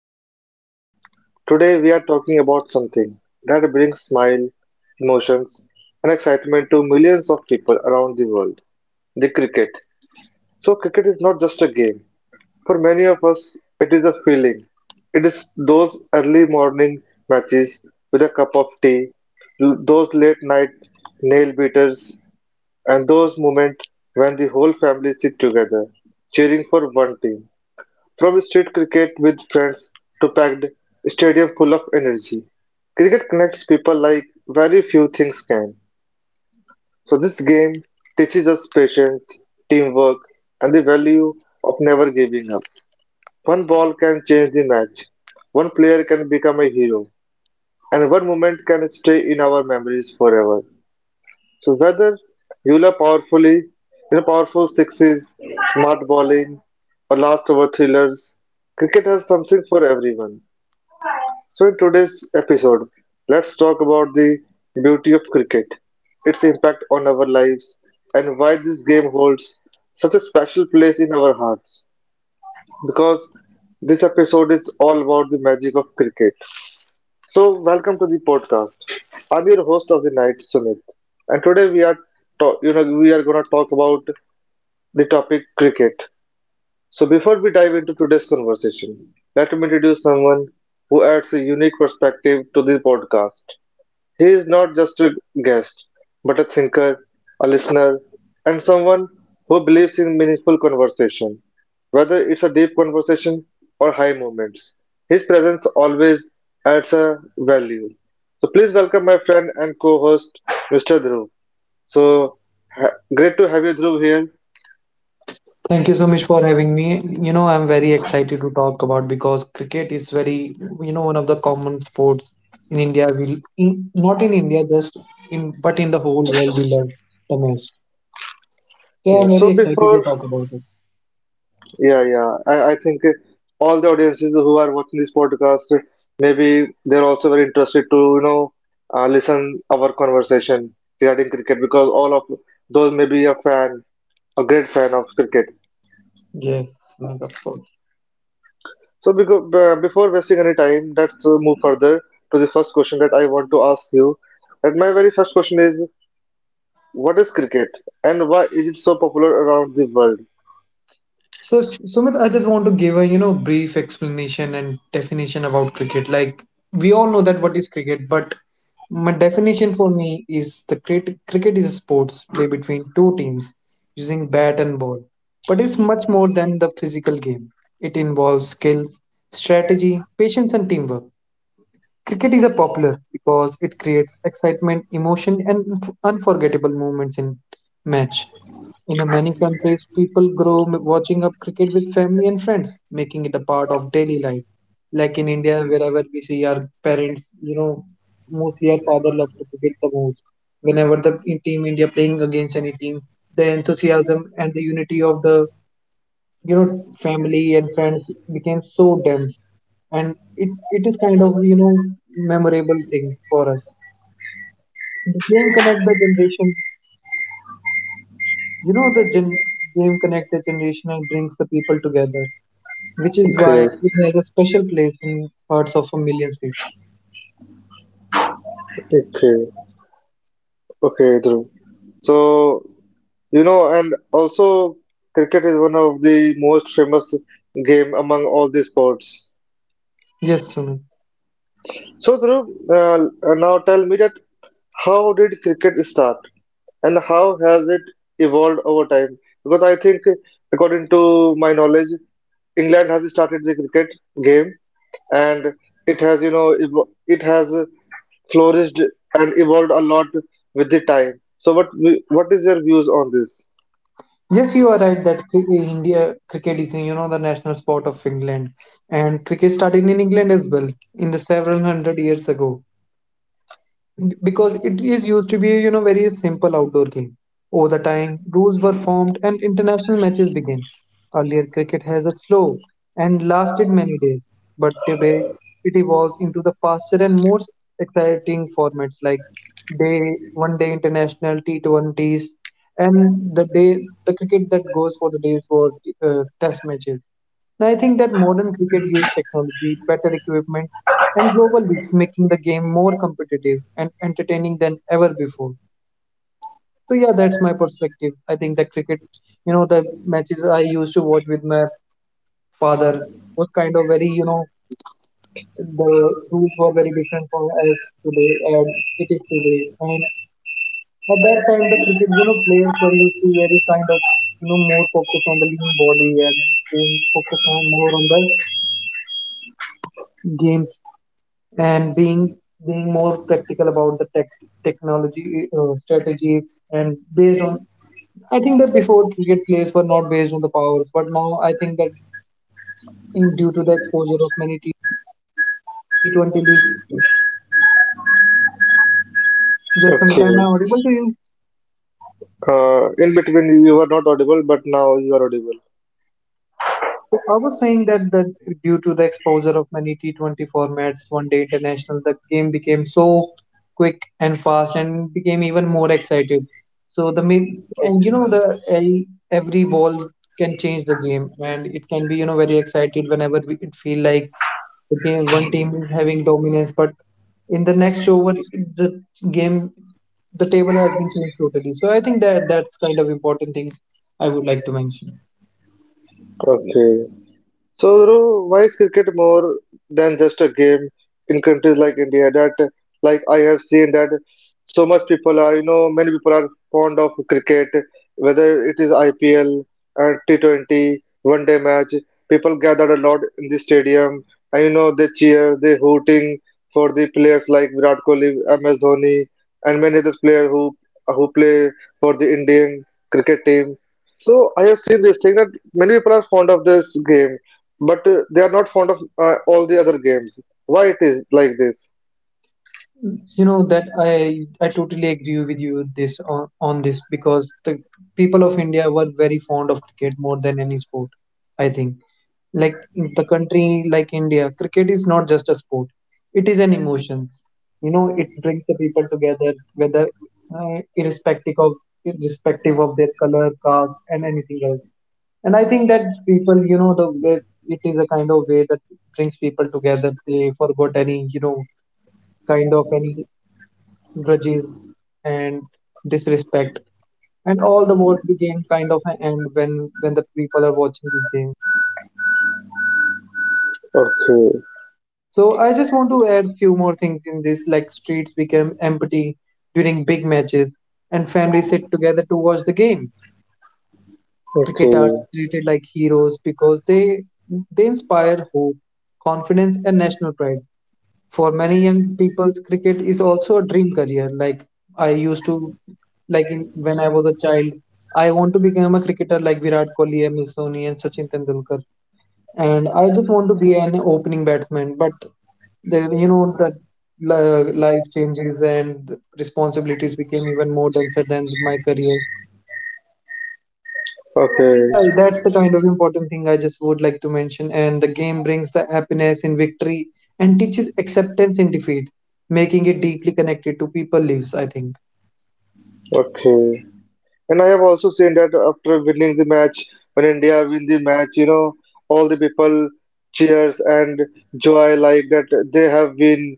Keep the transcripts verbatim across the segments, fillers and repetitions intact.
podcast. Today, we are talking about something that brings smile, emotions, and excitement to millions of people around the world, the cricket. So, cricket is not just a game. For many of us, it is a feeling. It is those early morning matches with a cup of tea, those late night nail beaters, and those moments when the whole family sit together cheering for one team. From street cricket with friends to packed stadium full of energy, cricket connects people like very few things can. So this game teaches us patience, teamwork, and the value of never giving up. One ball can change the match. One player can become a hero, and one moment can stay in our memories forever. So whether you love powerfully, you know, powerful sixes, smart bowling, or last over thrillers, cricket has something for everyone. So, in today's episode, let's talk about the beauty of cricket, its impact on our lives, and why this game holds such a special place in our hearts. Because this episode is all about the magic of cricket. So, welcome to the podcast. I'm your host of the night, Sumit, and today we are, ta- you know, we are gonna talk about the topic cricket. So, before we dive into today's conversation, let me introduce someone who adds a unique perspective to the podcast. He is not just a guest, but a thinker, a listener, and someone who believes in meaningful conversation, whether it's a deep conversation or high moments. His presence always adds a value. So please welcome my friend and co-host, mister Dhruv. So ha- great to have you, Dhruv, here. Thank you so much for having me. You know, I'm very excited to talk about because cricket is very, you know, one of the common sports in India. We in, not in India, just in, but in the whole world, we love the most. So Yeah. I'm So very excited to before talk about it. Yeah, yeah. I, I think uh, all the audiences who are watching this podcast, uh, maybe they're also very interested to, you know, uh, listen our conversation regarding cricket because all of those may be a fan, a great fan of cricket. Yes, of course. So because, uh, before wasting any time, let's uh, move further to the first question that I want to ask you. And my very first question is, what is cricket and why is it so popular around the world? So, Sumit, I just want to give a, you know, brief explanation and definition about cricket. Like we all know that what is cricket, but my definition for me is the cricket cricket is a sports play between two teams using bat and ball. But it's much more than the physical game. It involves skill, strategy, patience and teamwork. Cricket is a popular because it creates excitement, emotion, and unf- unforgettable moments in match. In a many countries, people grow m- watching up cricket with family and friends, making it a part of daily life. Like in India, wherever we see our parents, you know, mostly our father loves to cricket the most. Whenever the in- team India playing against any team, the enthusiasm and the unity of the you know family and friends became so dense, and it, it is kind of, you know memorable thing for us. The game connect the generation, you know the gen- game connect the generation and brings the people together, which is why Okay, it has a special place in hearts of millions people. okay, okay, Dhruv. So You know, and also cricket is one of the most famous game among all the sports. Yes, Sumit. So, Dhruv, uh, now tell me that how did cricket start and how has it evolved over time? Because I think, according to my knowledge, England has started the cricket game and it has, you know, evo- it has flourished and evolved a lot with the time. So, what what is your views on this? Yes, you are right that cri- India cricket is, you know the national sport of England, and cricket started in England as well in the several hundred years ago, because it, it used to be, you know very simple outdoor game. Over the time rules were formed and international matches began. Earlier cricket has a slow and lasted many days, but today it evolves into the faster and more exciting formats like day one day international T twenty s, and the day the cricket that goes for the days for uh, test matches. And I think that modern cricket used technology, better equipment, and global leagues, making the game more competitive and entertaining than ever before. So yeah, that's my perspective. I think that cricket, you know, the matches I used to watch with my father was kind of very, you know, the rules were very different from as today and it is today. And at that time, the cricket, you know, players were used to very kind of, you know, more focused on the lean body, and, and focused on more on the games, and being being more practical about the tech, technology, uh, strategies and based on, I think, that before cricket players were not based on the powers, but now I think that in due to the exposure of many T- twenty leagues. Yes, Samita, Okay. am I audible to you? Uh, in between you were not audible, but now you are audible. So I was saying that that due to the exposure of many T twenty formats, one day international, the game became so quick and fast and became even more excited. So, the main and you Okay. know the a- every ball can change the game, and it can be, you know very excited whenever we, it feel like the game one team is having dominance, but in the next over the game the table has been changed totally. So I think that that's kind of important thing I would like to mention. Okay. So, Dhruv, why is cricket more than just a game in countries like India? That, like, I have seen that so much people are, you know, many people are fond of cricket, whether it is I P L and t Twenty, one day match. People gathered a lot in the stadium, and you know, they cheer, they hooting for the players like Virat Kohli, M S Dhoni, and many other players who who play for the Indian cricket team. So I have seen this thing that many people are fond of this game, but uh, they are not fond of uh, all the other games. Why it is like this? You know that i i totally agree with you this on, on this because the people of India were very fond of cricket more than any sport, I think. Like in the country like India, cricket is not just a sport, it is an emotion. You know it brings the people together, whether, uh, irrespective of irrespective of their color, caste and anything else. And I think that people, you know the way, it is a kind of way that brings people together. They forgot any, you know kind of any grudges and disrespect, and all the wars became kind of an end when when the people are watching this game. Okay, So I just want to add few more things in this, like streets became empty during big matches and families sit together to watch the game. Cricketers okay, treated like heroes because they they inspire hope, confidence and national pride. For many young people cricket is also a dream career. Like, I used to like in when I was a child, I want to become a cricketer like Virat Kohli, M S Dhoni, and Sachin Tendulkar. And I just want to be an opening batsman. But the you know that li- life changes and the responsibilities became even more denser than my career. I okay, think that that's the kind of important thing I just would like to mention. And the game brings the happiness in victory and teaches acceptance in defeat, making it deeply connected to people lives, I think. okay. And I have also seen that after winning the match, when India win the match, you know, all the people cheers and joy like that they have been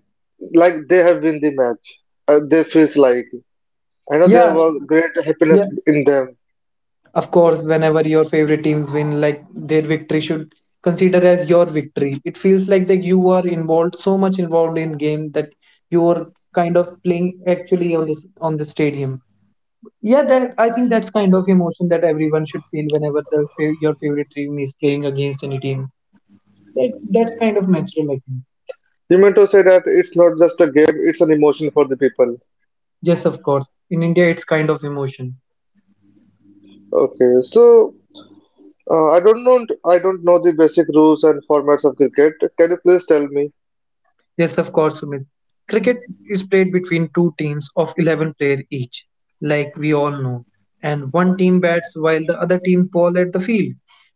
like they have win the match. Uh, they feels like I know there Yeah, was great happiness yeah. in them. Of course, whenever your favorite teams win, like their victory should consider as your victory. It feels like that you are involved so much involved in game, that you are kind of playing actually on the on the stadium. Yeah, that I think that's kind of emotion that everyone should feel whenever the fa- your favorite team is playing against any team. That, that's kind of natural, I think. You meant to say that it's not just a game; it's an emotion for the people. Yes, of course. In India, it's kind of emotion. Okay, so. Uh, I don't know. I don't know the basic rules and formats of cricket. Can you please tell me? Yes, of course, Sumit. Cricket is played between two teams of eleven players each, like we all know. And one team bats while the other team ball at the field.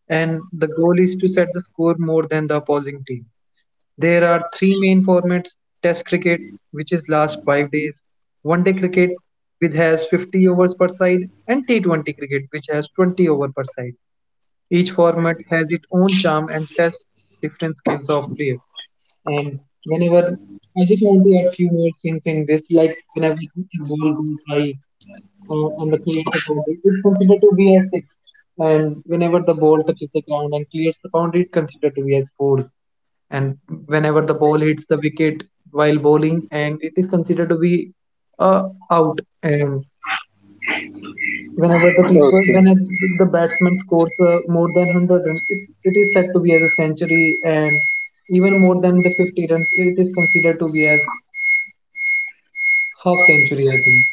And the goal is to set the score more than the opposing team. There are three main formats: Test cricket, which is last five days, one day cricket, which has fifty overs per side, and T twenty cricket, which has twenty over per side. Each format has its own charm and tests different skills of player. And whenever I just want to add few more things in this, like whenever a ball goes by uh, and the clears the boundary, it's considered to be as six. And whenever the ball touches the ground and clears the boundary, it's considered to be as four. And whenever the ball hits the wicket while bowling, and it is considered to be, uh, out. And whenever the people, Okay. when it, the batsman scores, uh, more than one hundred runs, it's, it is said to be as a century. And even more than the fifty runs, it is considered to be as half century, I think.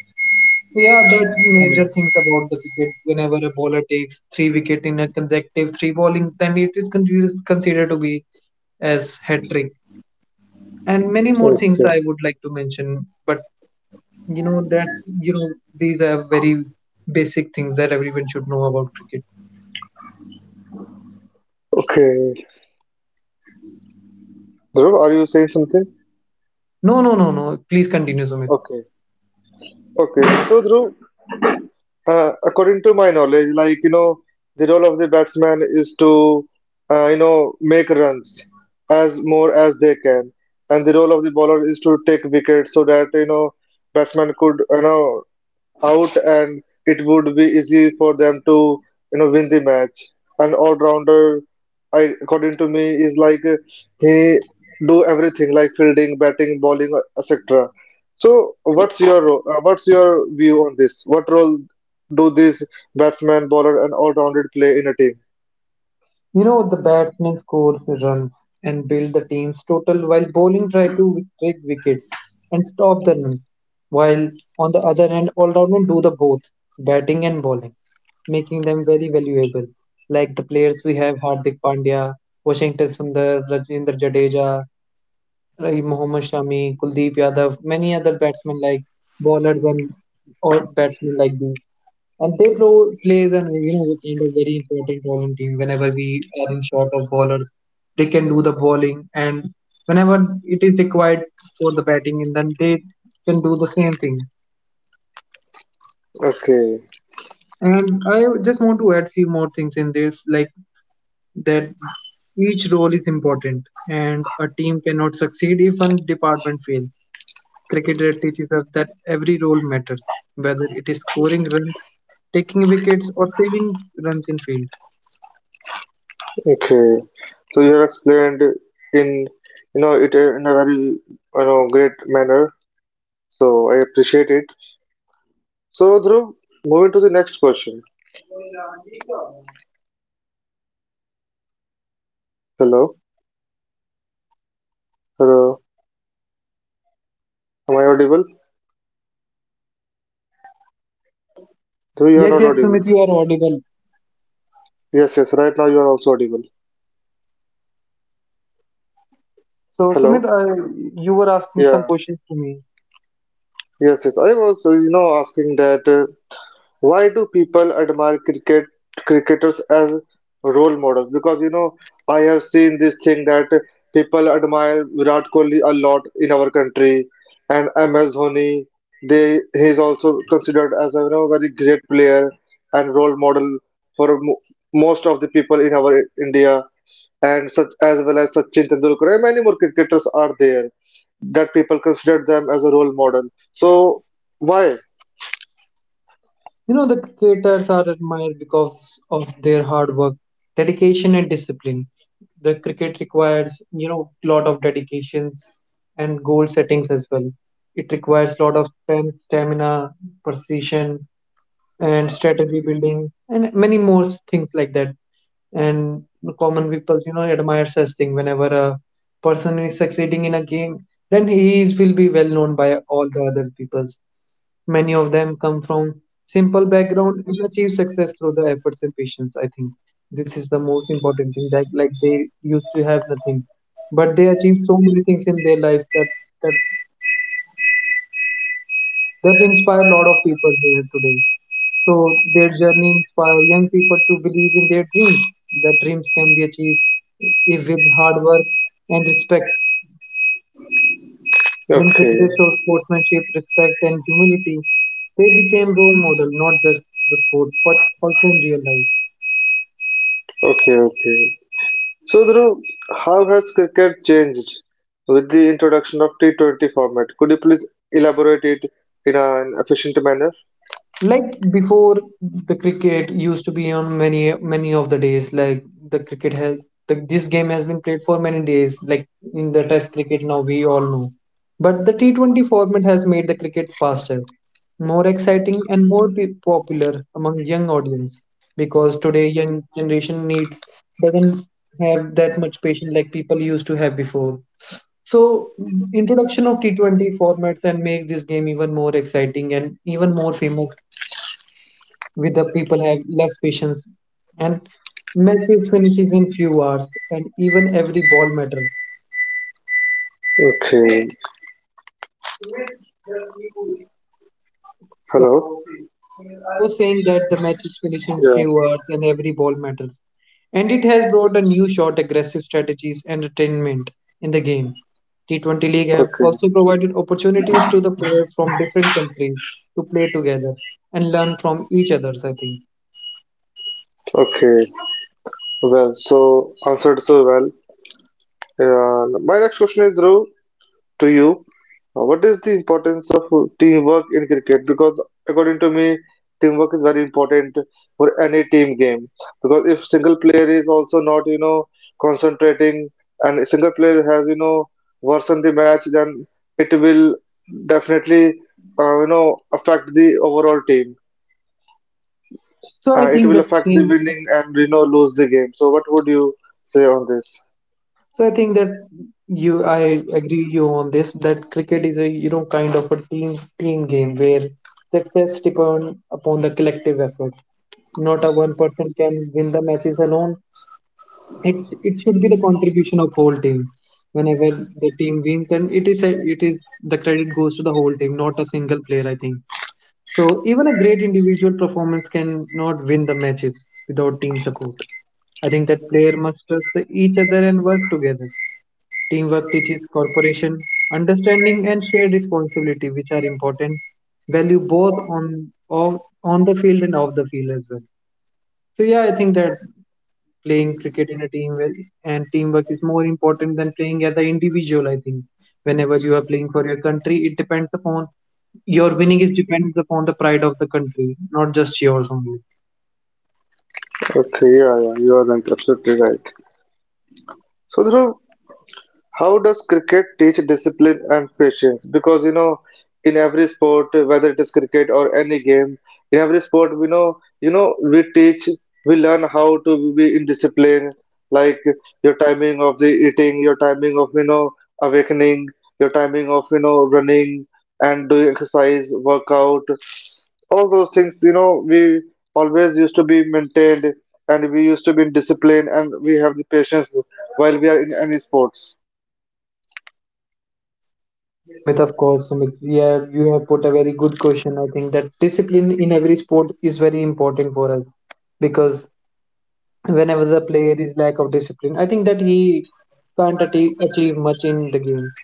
Yeah, that's major things about the wicket. Whenever a bowler takes three wicket in a consecutive three bowling, then it is con- is considered to be as hat trick. And many more things Okay. I would like to mention, but you know that you know these are very basic things that everyone should know about cricket. Okay. Dhruv, are you saying something? No, no, no, no. Please continue, Sumit. Okay. Okay. So Dhruv, uh, according to my knowledge, like you know, the role of the batsman is to, uh, you know, make runs as more as they can, and the role of the bowler is to take wickets so that you know batsman could you know out and it would be easy for them to you know win the match. An all-rounder, I according to me, is like uh, he do everything like fielding, batting, bowling, et cetera. So what's your ro- uh, what's your view on this? What role do these batsman, bowler, and all-rounded play in a team? You know, the batsman scores runs and build the team's total while bowling try to take wickets and stop the runs. While on the other hand, all-rounders do the both, batting and bowling, making them very valuable. Like the players we have Hardik Pandya, Washington Sundar, Rajendra Jadeja, Raheem Mohammad Shami, Kuldeep Yadav, many other batsmen like bowlers and or batsmen like these. And they pro- plays an, you know a kind of very important role in team. Whenever we are in short of ballers, they can do the bowling, and whenever it is required for the batting, and then they can do the same thing. Okay, And I just want to add few more things in this, like that each role is important, and a team cannot succeed if one department fails. Cricket teaches us that every role matters, whether it is scoring runs, taking wickets, or saving runs in field. okay. So you have explained in you know it uh, in a very you know great manner. So I appreciate it. So, Dhruv, moving to the next question. Hello, hello. Am I audible? Dhruv, you are Yes, not yes, audible. Sumit, you are audible. Yes, yes. Right now, you are also audible. So, Hello. Sumit, uh, you were asking some Yeah. questions to me. Yes, yes. I was, uh, you know, asking that. uh, Why do people admire cricket cricketers as role models? Because you know, I have seen this thing that people admire Virat Kohli a lot in our country, and M S Dhoni. They he is also considered as a you know very great player and role model for mo- most of the people in our India, and such as well as Sachin Tendulkar. And many more cricketers are there that people consider them as a role model. So why? You know, the cricketers are admired because of their hard work, dedication, and discipline. The cricket requires, you know, lot of dedications and goal settings as well. It requires lot of strength, stamina, precision, and strategy building, and many more things like that. And common people, you know admire such thing whenever a person is succeeding in a game, then he is, will be well known by all the other peoples. Many of them come from simple background and achieve success through the efforts and patience, I think this is the most important thing. Like like they used to have nothing but they achieved so many things in their life, that that, that inspire a lot of people here today. So their Okay. journey inspire young people to believe in their dreams. That dreams can be achieved if with hard work and respect. When cricketers Okay. showed sportsmanship, respect, and humility, they became role model not just the sport but also in real life. Okay. So, Dhruv, how has cricket changed with the introduction of T twenty format? Could you please elaborate it in an efficient manner? Like before, the cricket used to be on many many of the days, like the cricket has the, this game has been played for many days, like in the test cricket, now we all know. But the T twenty format has made the cricket faster, more exciting and more pe- popular among young audience, because today young generation needs doesn't have that much patience like people used to have before. So introduction of T twenty formats and make this game even more exciting and even more famous with the people have less patience, and matches finishes in few hours and even every ball matters. Okay. You Hello. to me I was saying that the matches finish in Yeah. few hours and every ball matters. And it has brought a new short aggressive strategies and entertainment in the game. T twenty League have Okay. also provided opportunities to the players from different countries to play together and learn from each other, I think. Okay. Well, so answered so well. Uh, my next question is, Dhruv, to you, uh, what is the importance of uh, teamwork in cricket? Because according to me, teamwork is very important for any team game. Because if single player is also not, you know, concentrating and a single player has, you know, worsened the match, then it will definitely, uh, you know, affect the overall team. So I Uh, it think will the affect the same winning and, you know, lose the game. So what would you say on this? So I think that you, I agree you on this, that cricket is a, you know, kind of a team team game where success depends upon the collective effort. Not a one person can win the matches alone. It it should be the contribution of whole team. Whenever the team wins, then it is a, it is the credit goes to the whole team, not a single player, I think so. Even a great individual performance can not win the matches without team support. I think that player must trust the- each other and work together. Teamwork teaches cooperation, understanding, and shared responsibility, which are important value both on of on the field and off the field as well. So yeah, I think that playing cricket in a team with- and teamwork is more important than playing as an individual. I think whenever you are playing for your country, it depends upon your winning is depends upon the pride of the country, not just yours only. Okay, yeah, yeah, you are right, absolutely right. So, Dhruv, how does cricket teach discipline and patience? Because you know, in every sport, whether it is cricket or any game, in every sport, we know, you know, we teach, we learn how to be in discipline, like your timing of the eating, your timing of you know awakening, your timing of you know running and doing exercise, workout, all those things. You know, we always used to be maintained, and we used to be in discipline, and we have the patience while we are in any sports. Yes, Sumit, of course, Sumit. Yeah, you have put a very good question. I think that discipline in every sport is very important for us, because whenever the player is lack of discipline, I think that he can't atti- achieve much in the game.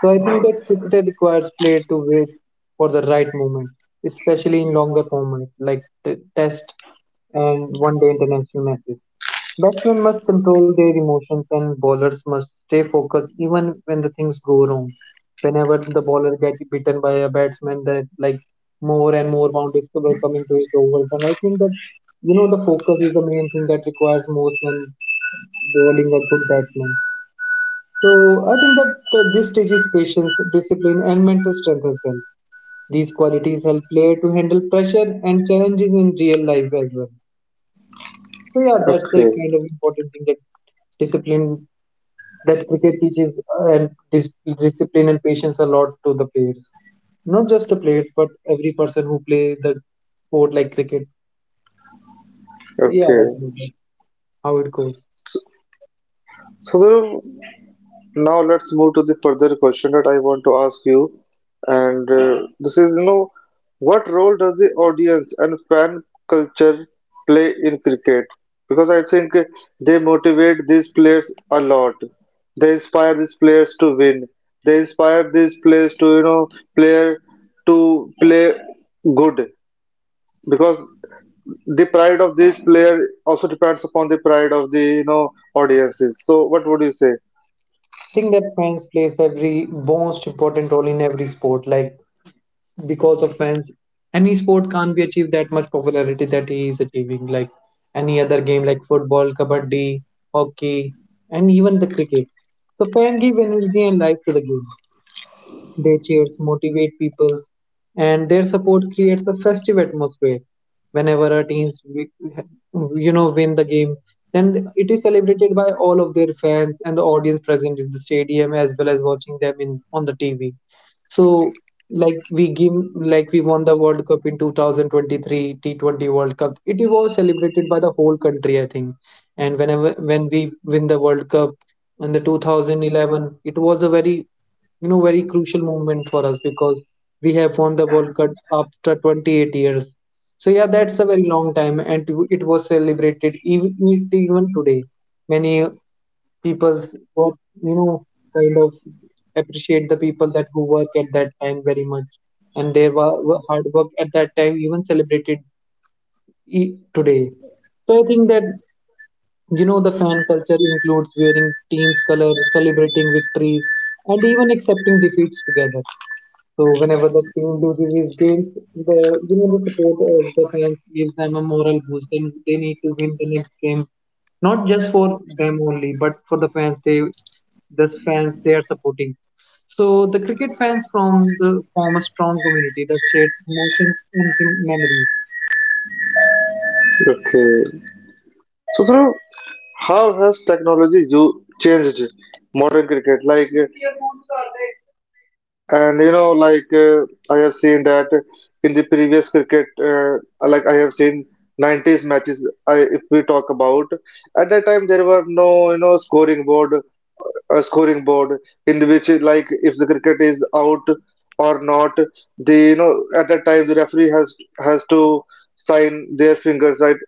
So I think that cricket requires play to wait for the right moment, especially in longer format like t- test and one-day international matches. Batsmen must control their emotions and bowlers must stay focused even when the things go wrong. Whenever the bowler gets beaten by a batsman, that like more and more boundaries were coming to his overs. And I think that, you know, the focus is the main thing that requires most when bowling a good batsman. So I think that that this teaches patience, discipline, and mental strength as well. These qualities help player to handle pressure and challenges in real life as well. So yeah, that's the Okay, kind of important thing, that discipline that cricket teaches, uh, and dis- discipline and patience a lot to the players. Not just the players, but every person who play the sport like cricket. Yeah, that's okay. how it goes. So Dhruv, now let's move to the further question that I want to ask you, and uh, this is, you know, what role does the audience and fan culture play in cricket? Because I think they motivate these players a lot. They inspire these players to win. They inspire these players to, you know, player to play good because the pride of this player also depends upon the pride of the you know audiences. So what would you say? Think that fans plays every most important role in every sport. Like because of fans, any sport can't be achieved that much popularity that he is achieving, like any other game like football, kabaddi, hockey, and even the cricket. So fan give energy and life to the game, their cheers motivate people, and their support creates a festive atmosphere. Whenever our teams, wi- you know, win the game, then it is celebrated by all of their fans and the audience present in the stadium, as well as watching them in on the T V. So, like we give, like we won the World Cup in two thousand twenty-three T twenty World Cup. It was celebrated by the whole country, I think. And whenever when we win the World Cup in the two thousand eleven, it was a very, you know, very crucial moment for us, because we have won the World Cup after twenty-eight years. So yeah, that's a very long time, and to- it was celebrated even even today. Many people's what, you know, kind of appreciate the people that who work at that time very much, and their wa- wa- hard work at that time even celebrated e- today. So I think that, you know, the fan culture includes wearing team's colors, celebrating victories, and even accepting defeats together. So whenever the team loses his games, the, you know, the support of the fans gives them a moral boost, and they need to win the next game. Not just for them only, but for the fans they the fans they are supporting. So the cricket fans from the form a strong community that shares emotions and mem- memories. Okay. So Dhruv, how has technology you changed modern cricket, like, uh, and you know like, uh, I have seen that in the previous cricket, uh, like, I have seen nineties matches. I, if we talk about at that time, there were no you know scoring board, a scoring board in which, like, if the cricket is out or not. The you know At that time, the referee has has to sign their fingers, right?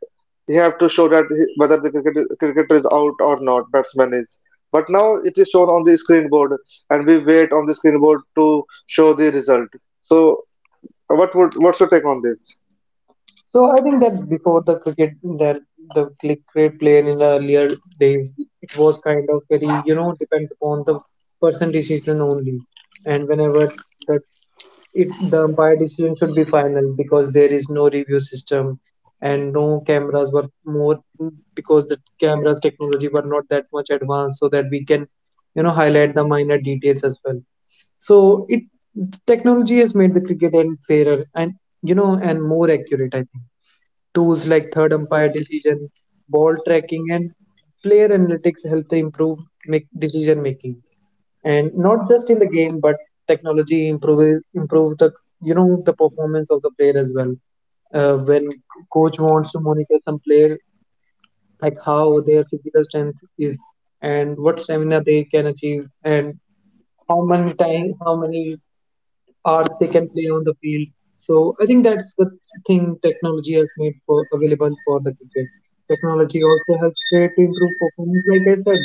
He have to show that, he- whether the cricket, cricketer is out or not batsman is. But now it is shown on the screen board, and we wait on the screen board to show the result. So what would what's your take on this? So I think that before the cricket, that the cricket player in the earlier days, it was kind of very, you know, depends upon the person decision only, and whenever that it the umpire decision should be final, because there is no review system and no cameras were more, because the cameras technology were not that much advanced so that we can, you know, highlight the minor details as well. So it technology has made the cricket and fairer and, you know, and more accurate, I think. Tools like third umpire decision, ball tracking, and player analytics help to improve make decision making. And not just in the game, but technology improves improves the, you know, the performance of the player as well. Uh, when coach wants to monitor some player, like how their physical strength is and what stamina they can achieve, and how many time how many or they can play on the field. So I think that's the thing technology has made for available for the cricket. Technology also helps player to improve performance, like I said,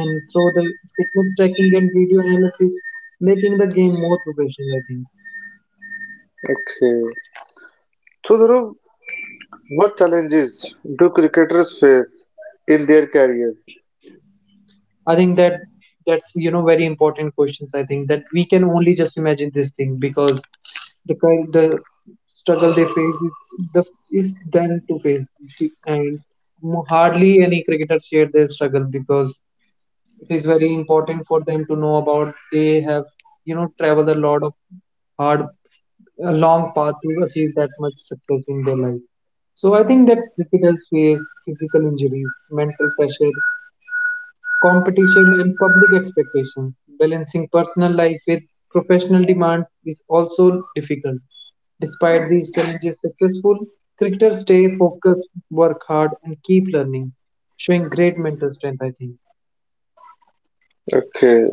and through the fitness tracking and video analysis, making the game more professional, I think. Okay. So Dhruv, what challenges do cricketers face in their careers? I think that that's, you know, very important questions. I think that we can only just imagine this thing because the kind the struggle they face is the is them to face. Be- and mo- Hardly any cricketer share their struggle, because it is very important for them to know about they have, you know, traveled a lot of hard a long path to achieve that much success in their life. So I think that cricketers face physical injuries, mental pressure, competition and public expectations. Balancing personal life with professional demands is also difficult. Despite these challenges, successful cricketers stay focused, work hard and keep learning, showing great mental strength, I think. Okay.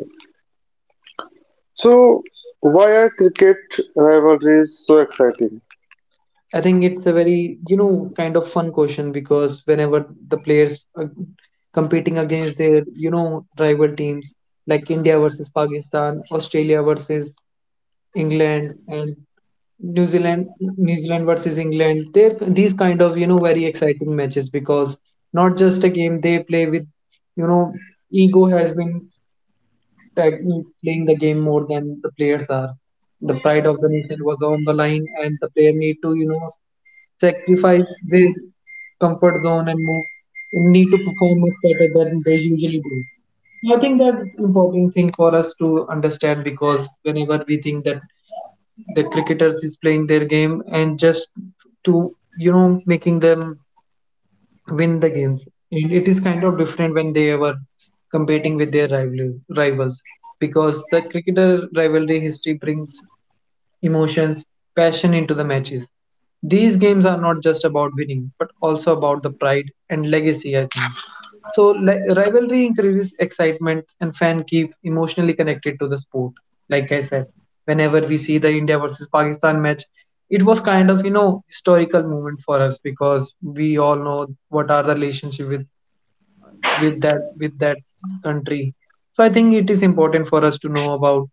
So, why are cricket rivalries so exciting? I think it's a very, you know, kind of fun question, because whenever the players are competing against their, you know, rival teams, like India versus Pakistan, Australia versus England, and New Zealand, New Zealand versus England, they're these kind of, you know, very exciting matches, because not just a game they play with, you know, ego has been tag- playing the game more than the players are. The pride of the nation was on the line, and the player need to, you know, sacrifice their comfort zone and move need to perform much better than they usually do. So, I think that's important thing for us to understand, because whenever we think that the cricketers is playing their game and just to, you know, making them win the games. And it is kind of different when they were competing with their rival, rivals, because the cricketer rivalry history brings emotions, passion into the matches. These games are not just about winning, but also about the pride and legacy, I think. So li- rivalry increases excitement and fans keep emotionally connected to the sport. Like I said, whenever we see the India versus Pakistan match, it was kind of, you know, historical moment for us, because we all know what are the relationship with with that with that country. So I think it is important for us to know about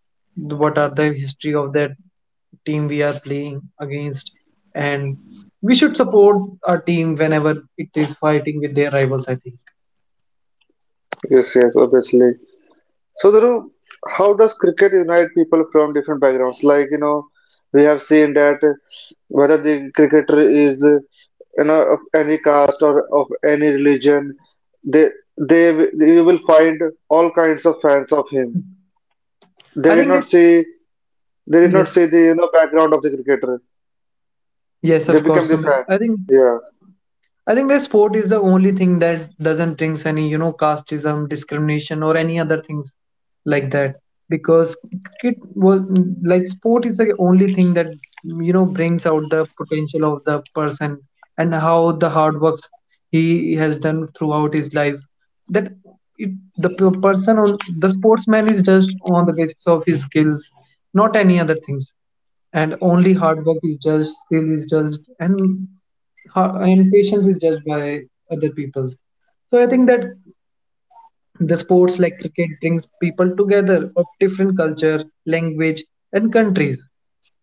the- what are the history of that team we are playing against, and we should support our team whenever it is fighting with their rivals, I think. Yes, yes, obviously. So, Dhruv, how does cricket unite people from different backgrounds? Like, you know, we have seen that whether the cricketer is, uh, you know, of any caste or of any religion, they, they, you will find all kinds of fans of him. They I did think that not see, they did not Yes, see the, you know, background of the cricketer. yes, They of course, become the Sumit. fan. I think Yeah. I think that sport is the only thing that doesn't brings any, you know, casteism, discrimination, or any other things like that. Because cricket was like sport is the only thing that, you know, brings out the potential of the person and how the hard works he has done throughout his life. That it, the p- person on the sportsman is just on the basis of his skills, not any other things, and only hard work is judged, skill is judged, and ha- and patience is judged by other people. So I think that the sports like cricket brings people together of different culture, language, and countries.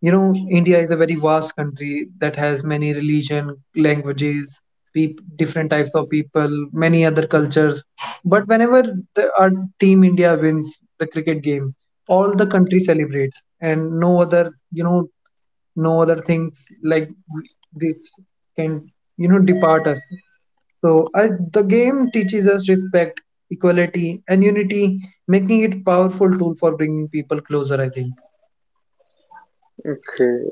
You know, India is a very vast country that has many religion, languages, peop- different types of people, many other cultures. But whenever the, our team India wins the cricket game, all the country celebrates, and no other, you know, no other thing like this can you know depart us. So I, the game teaches us respect, equality, and unity, making it powerful tool for bringing people closer, I think. Okay.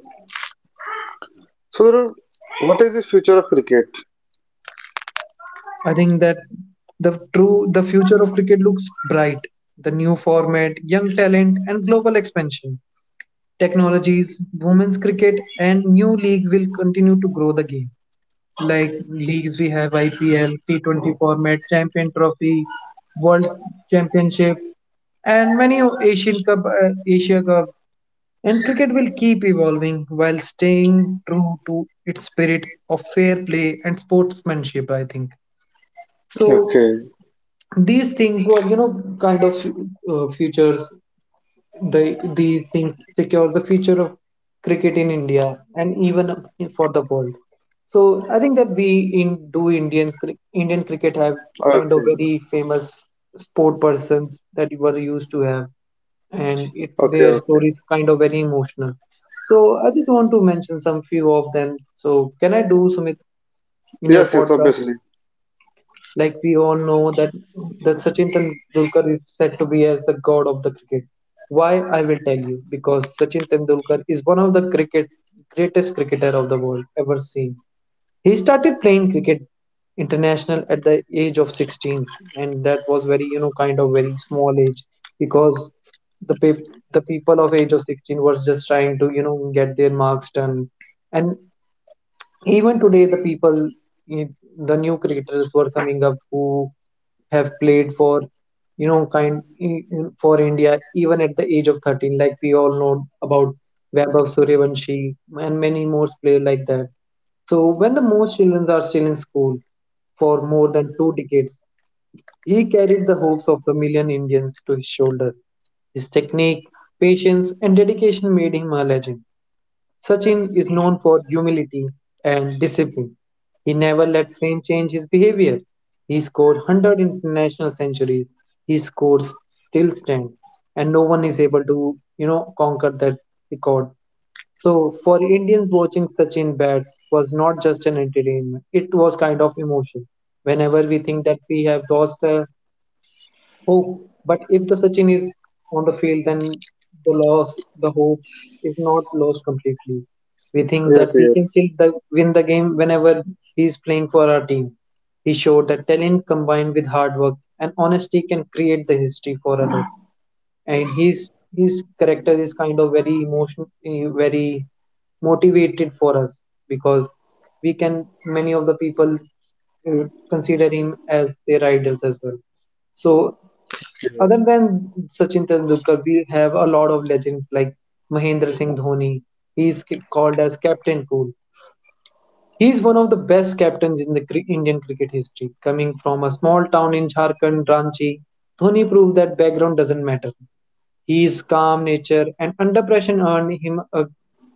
So, Dhruv, what is the future of cricket? I think that the true the future of cricket looks bright. The new format, young talent, and global expansion, technologies, women's cricket, and new league will continue to grow the game. Like leagues, we have I P L, T twenty format, Champion Trophy, World Championship, and many o- Asian Cup, uh, Asia Cup. And cricket will keep evolving while staying true to its spirit of fair play and sportsmanship, I think. So Okay. these things were, you know, kind of uh, futures, the these things secure the future of cricket in India and even for the world. So I think that we in do Indians cri- Indian cricket have kind of Okay, very famous sport persons that you were used to have, and it okay, their okay. stories kind of very emotional. So I just want to mention some few of them. So can I do, Sumit, in your Yes, yes, podcast? obviously. Like we all know that that Sachin Tendulkar is said to be as the god of the cricket. Why I will tell you, because Sachin Tendulkar is one of the cricket greatest cricketer of the world ever seen. He started playing cricket international at the age of sixteen, and that was very, you know, kind of very small age, because the pe- the people of age of sixteen was just trying to, you know, get their marks done. And even today the people, eh, the new creators were coming up who have played for, you know kind eh, eh, for India even at the age of thirteen, like we all know about Vaibhav Suryavanshi and many more players like that. So when the most children are still in school, for more than two decades he carried the hopes of the million Indians to his shoulder. His technique, patience, and dedication made him a legend. Sachin is known for humility and discipline. He never let fame change his behavior. He scored one hundred international centuries. His scores still stands, and no one is able to, you know, conquer that record. So for Indians watching Sachin bats was not just an entertainment. It was kind of emotion. Whenever we think that we have lost a hope, but if the Sachin is on the field, then the loss, the hope is not lost completely. We think Yes, that we can yes. still the, win the game whenever he is playing for our team. He showed that talent combined with hard work and honesty can create the history for others. And his his character is kind of very emotion, eh, very motivated for us, because we can many of the people eh, consider him as their idols as well. So Yeah. other than Sachin Tendulkar, we have a lot of legends like Mahendra Singh Dhoni. He's c- called as Captain Cool. He is one of the best captains in the cri- Indian cricket history. Coming from a small town in Jharkhand, Ranchi, Dhoni proved that background doesn't matter. He is calm nature and under pressure earned him a,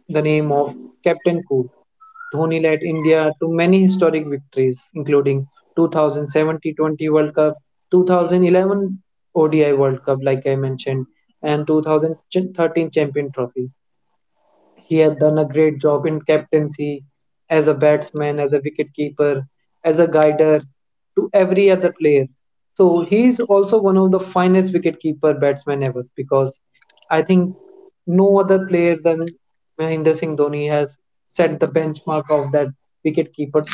the name of Captain Cool. Dhoni led India to many historic victories, including two thousand seventeen-twenty World Cup, two thousand eleven O D I World Cup, like I mentioned, and two thousand thirteen Champion Trophy. He had done a great job in captaincy, as a batsman, as a wicketkeeper, as a guider to every other player. So he is also one of the finest wicketkeeper batsmen ever, because I think no other player than Mahendra Singh Dhoni has set the benchmark of that wicketkeeper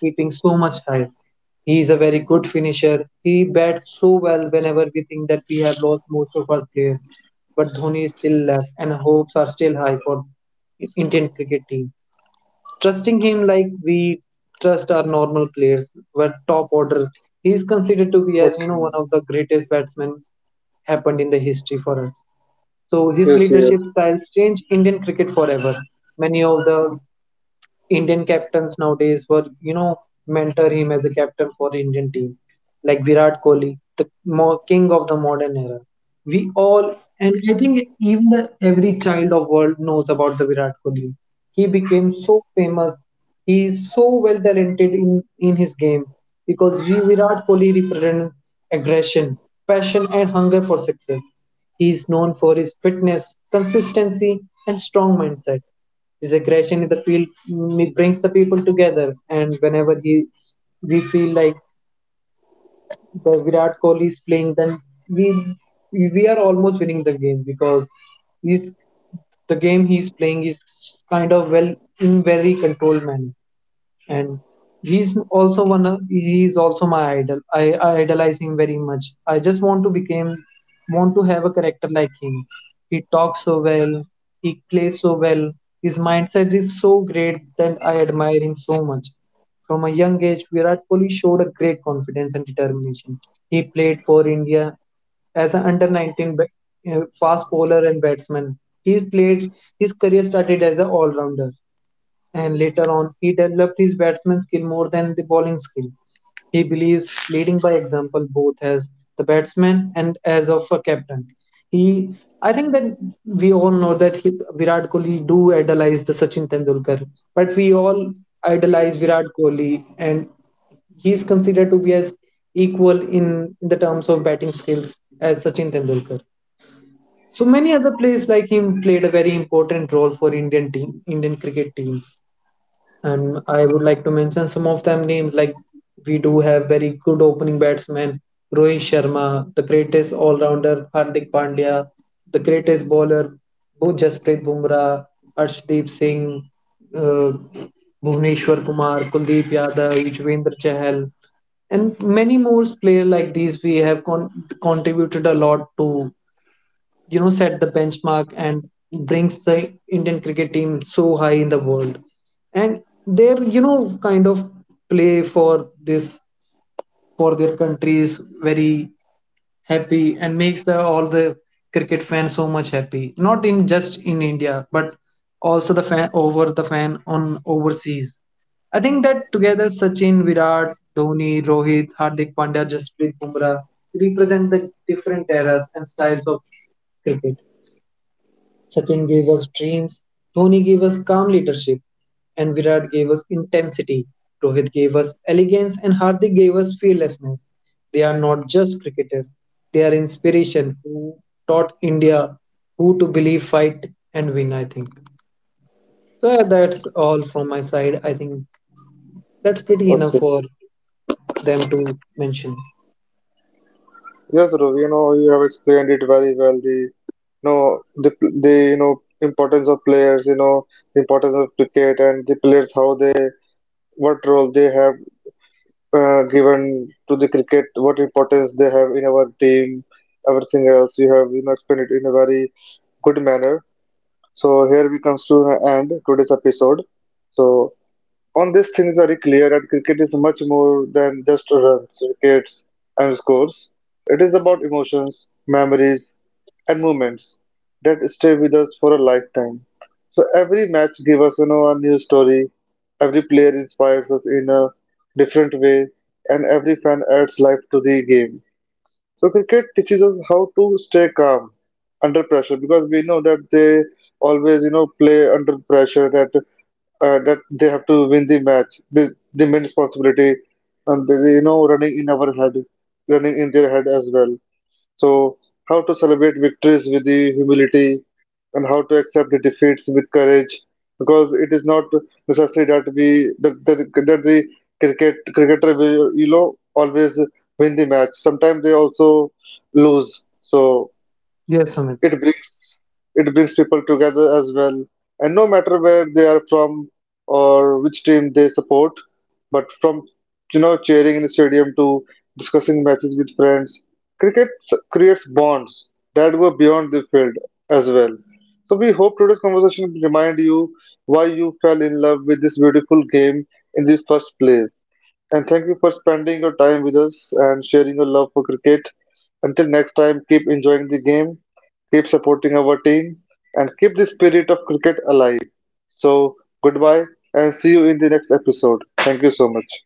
keeping so much higher. He is a very good finisher. He bats so well whenever we think that we have lost most of our players. But Dhoni is still left, and hopes are still high for Indian cricket team, trusting him like we trust our normal players, but top orders. He is considered to be as, you know, Okay. one of the greatest batsmen happened in the history for us. So his Yes, leadership yes. styles changed Indian cricket forever. Many of the Indian captains nowadays were, you know, mentor him as a captain for Indian team, like Virat Kohli, the mo- king of the modern era. We all, and I think even the, every child of world knows about the Virat Kohli. He became so famous. He is so well talented in, in his game, because we, Virat Kohli represents aggression, passion, and hunger for success. He is known for his fitness, consistency, and strong mindset. His aggression in the field, mm, it brings the people together. And whenever he we feel like the Virat Kohli is playing, then we we are almost winning the game, because he's the game he's playing is kind of well in very controlled manner. And he's also one of, he's also my idol. I, I idolize him very much. I just want to become want to have a character like him. He talks so well, he plays so well, his mindset is so great that I admire him so much. From a young age, Virat Kohli showed a great confidence and determination. He played for India as an under nineteen ba- uh, fast bowler and batsman. He played His career started as an all-rounder, and later on he developed his batsman skill more than the bowling skill. He believes leading by example both as the batsman and as of a captain. He, I think that we all know that he, Virat Kohli do idolize the Sachin Tendulkar, but we all idolize Virat Kohli, and he is considered to be as equal in, in the terms of batting skills as Sachin Tendulkar. So many other players like him played a very important role for Indian team, Indian cricket team. And I would like to mention some of them names, like we do have very good opening batsmen Rohit Sharma, the greatest all-rounder Hardik Pandya, the greatest bowler Bu- Jasprit Bumrah, Arshdeep Singh, uh, Bhuvneshwar Kumar, Kuldeep Yadav, Yuzvendra Chahal, and many more players like these we have con- contributed a lot to, you know, set the benchmark and brings the Indian cricket team so high in the world. And they're, you know, kind of play for this, for their countries very happy, and makes the all the cricket fans so much happy, not in just in India, but also the fan over the fan on overseas. I think that together Sachin, Virat, Dhoni, Rohit, Hardik Pandya, Jasprit Bumrah represent the different eras and styles of cricket. Sachin gave us dreams, Dhoni gave us calm leadership, and Virat gave us intensity. Rohit gave us elegance, and Hardik gave us fearlessness. They are not just cricketers, they are inspiration who taught India who to believe, fight, and win, I think. So, yeah, that's all from my side. I think that's pretty enough Okay. for them to mention. Yes, Dhruv, you know, you have explained it very well. The, you know, the, pl- the, you know, importance of players, you know, the importance of cricket and the players, how they, what role they have uh, given to the cricket, what importance they have in our team, everything else. You have, you know, explained it in a very good manner. So here we comes to an end today's episode. So, on this, things are very clear that cricket is much more than just runs, wickets, and scores. It is about emotions, memories, and moments that stay with us for a lifetime. So every match gives us, you know, a new story. Every player inspires us in a different way, and every fan adds life to the game. So cricket teaches us how to stay calm under pressure because we know that they always, you know, play under pressure. That uh, that they have to win the match. The the main responsibility, and they, you know, running in our head, running in their head as well. So how to celebrate victories with the humility, and how to accept the defeats with courage, because it is not necessary that we that that, that the cricket cricketer will you know always win the match. Sometimes they also lose. So. Yes, Sumit. It brings it brings people together as well, and no matter where they are from or which team they support, but from you know cheering in the stadium to discussing matches with friends, cricket s- creates bonds that go beyond the field as well. So we hope today's conversation remind you why you fell in love with this beautiful game in the first place. And thank you for spending your time with us and sharing your love for cricket. Until next time, keep enjoying the game, keep supporting our team, and keep the spirit of cricket alive. So, goodbye and see you in the next episode. Thank you so much.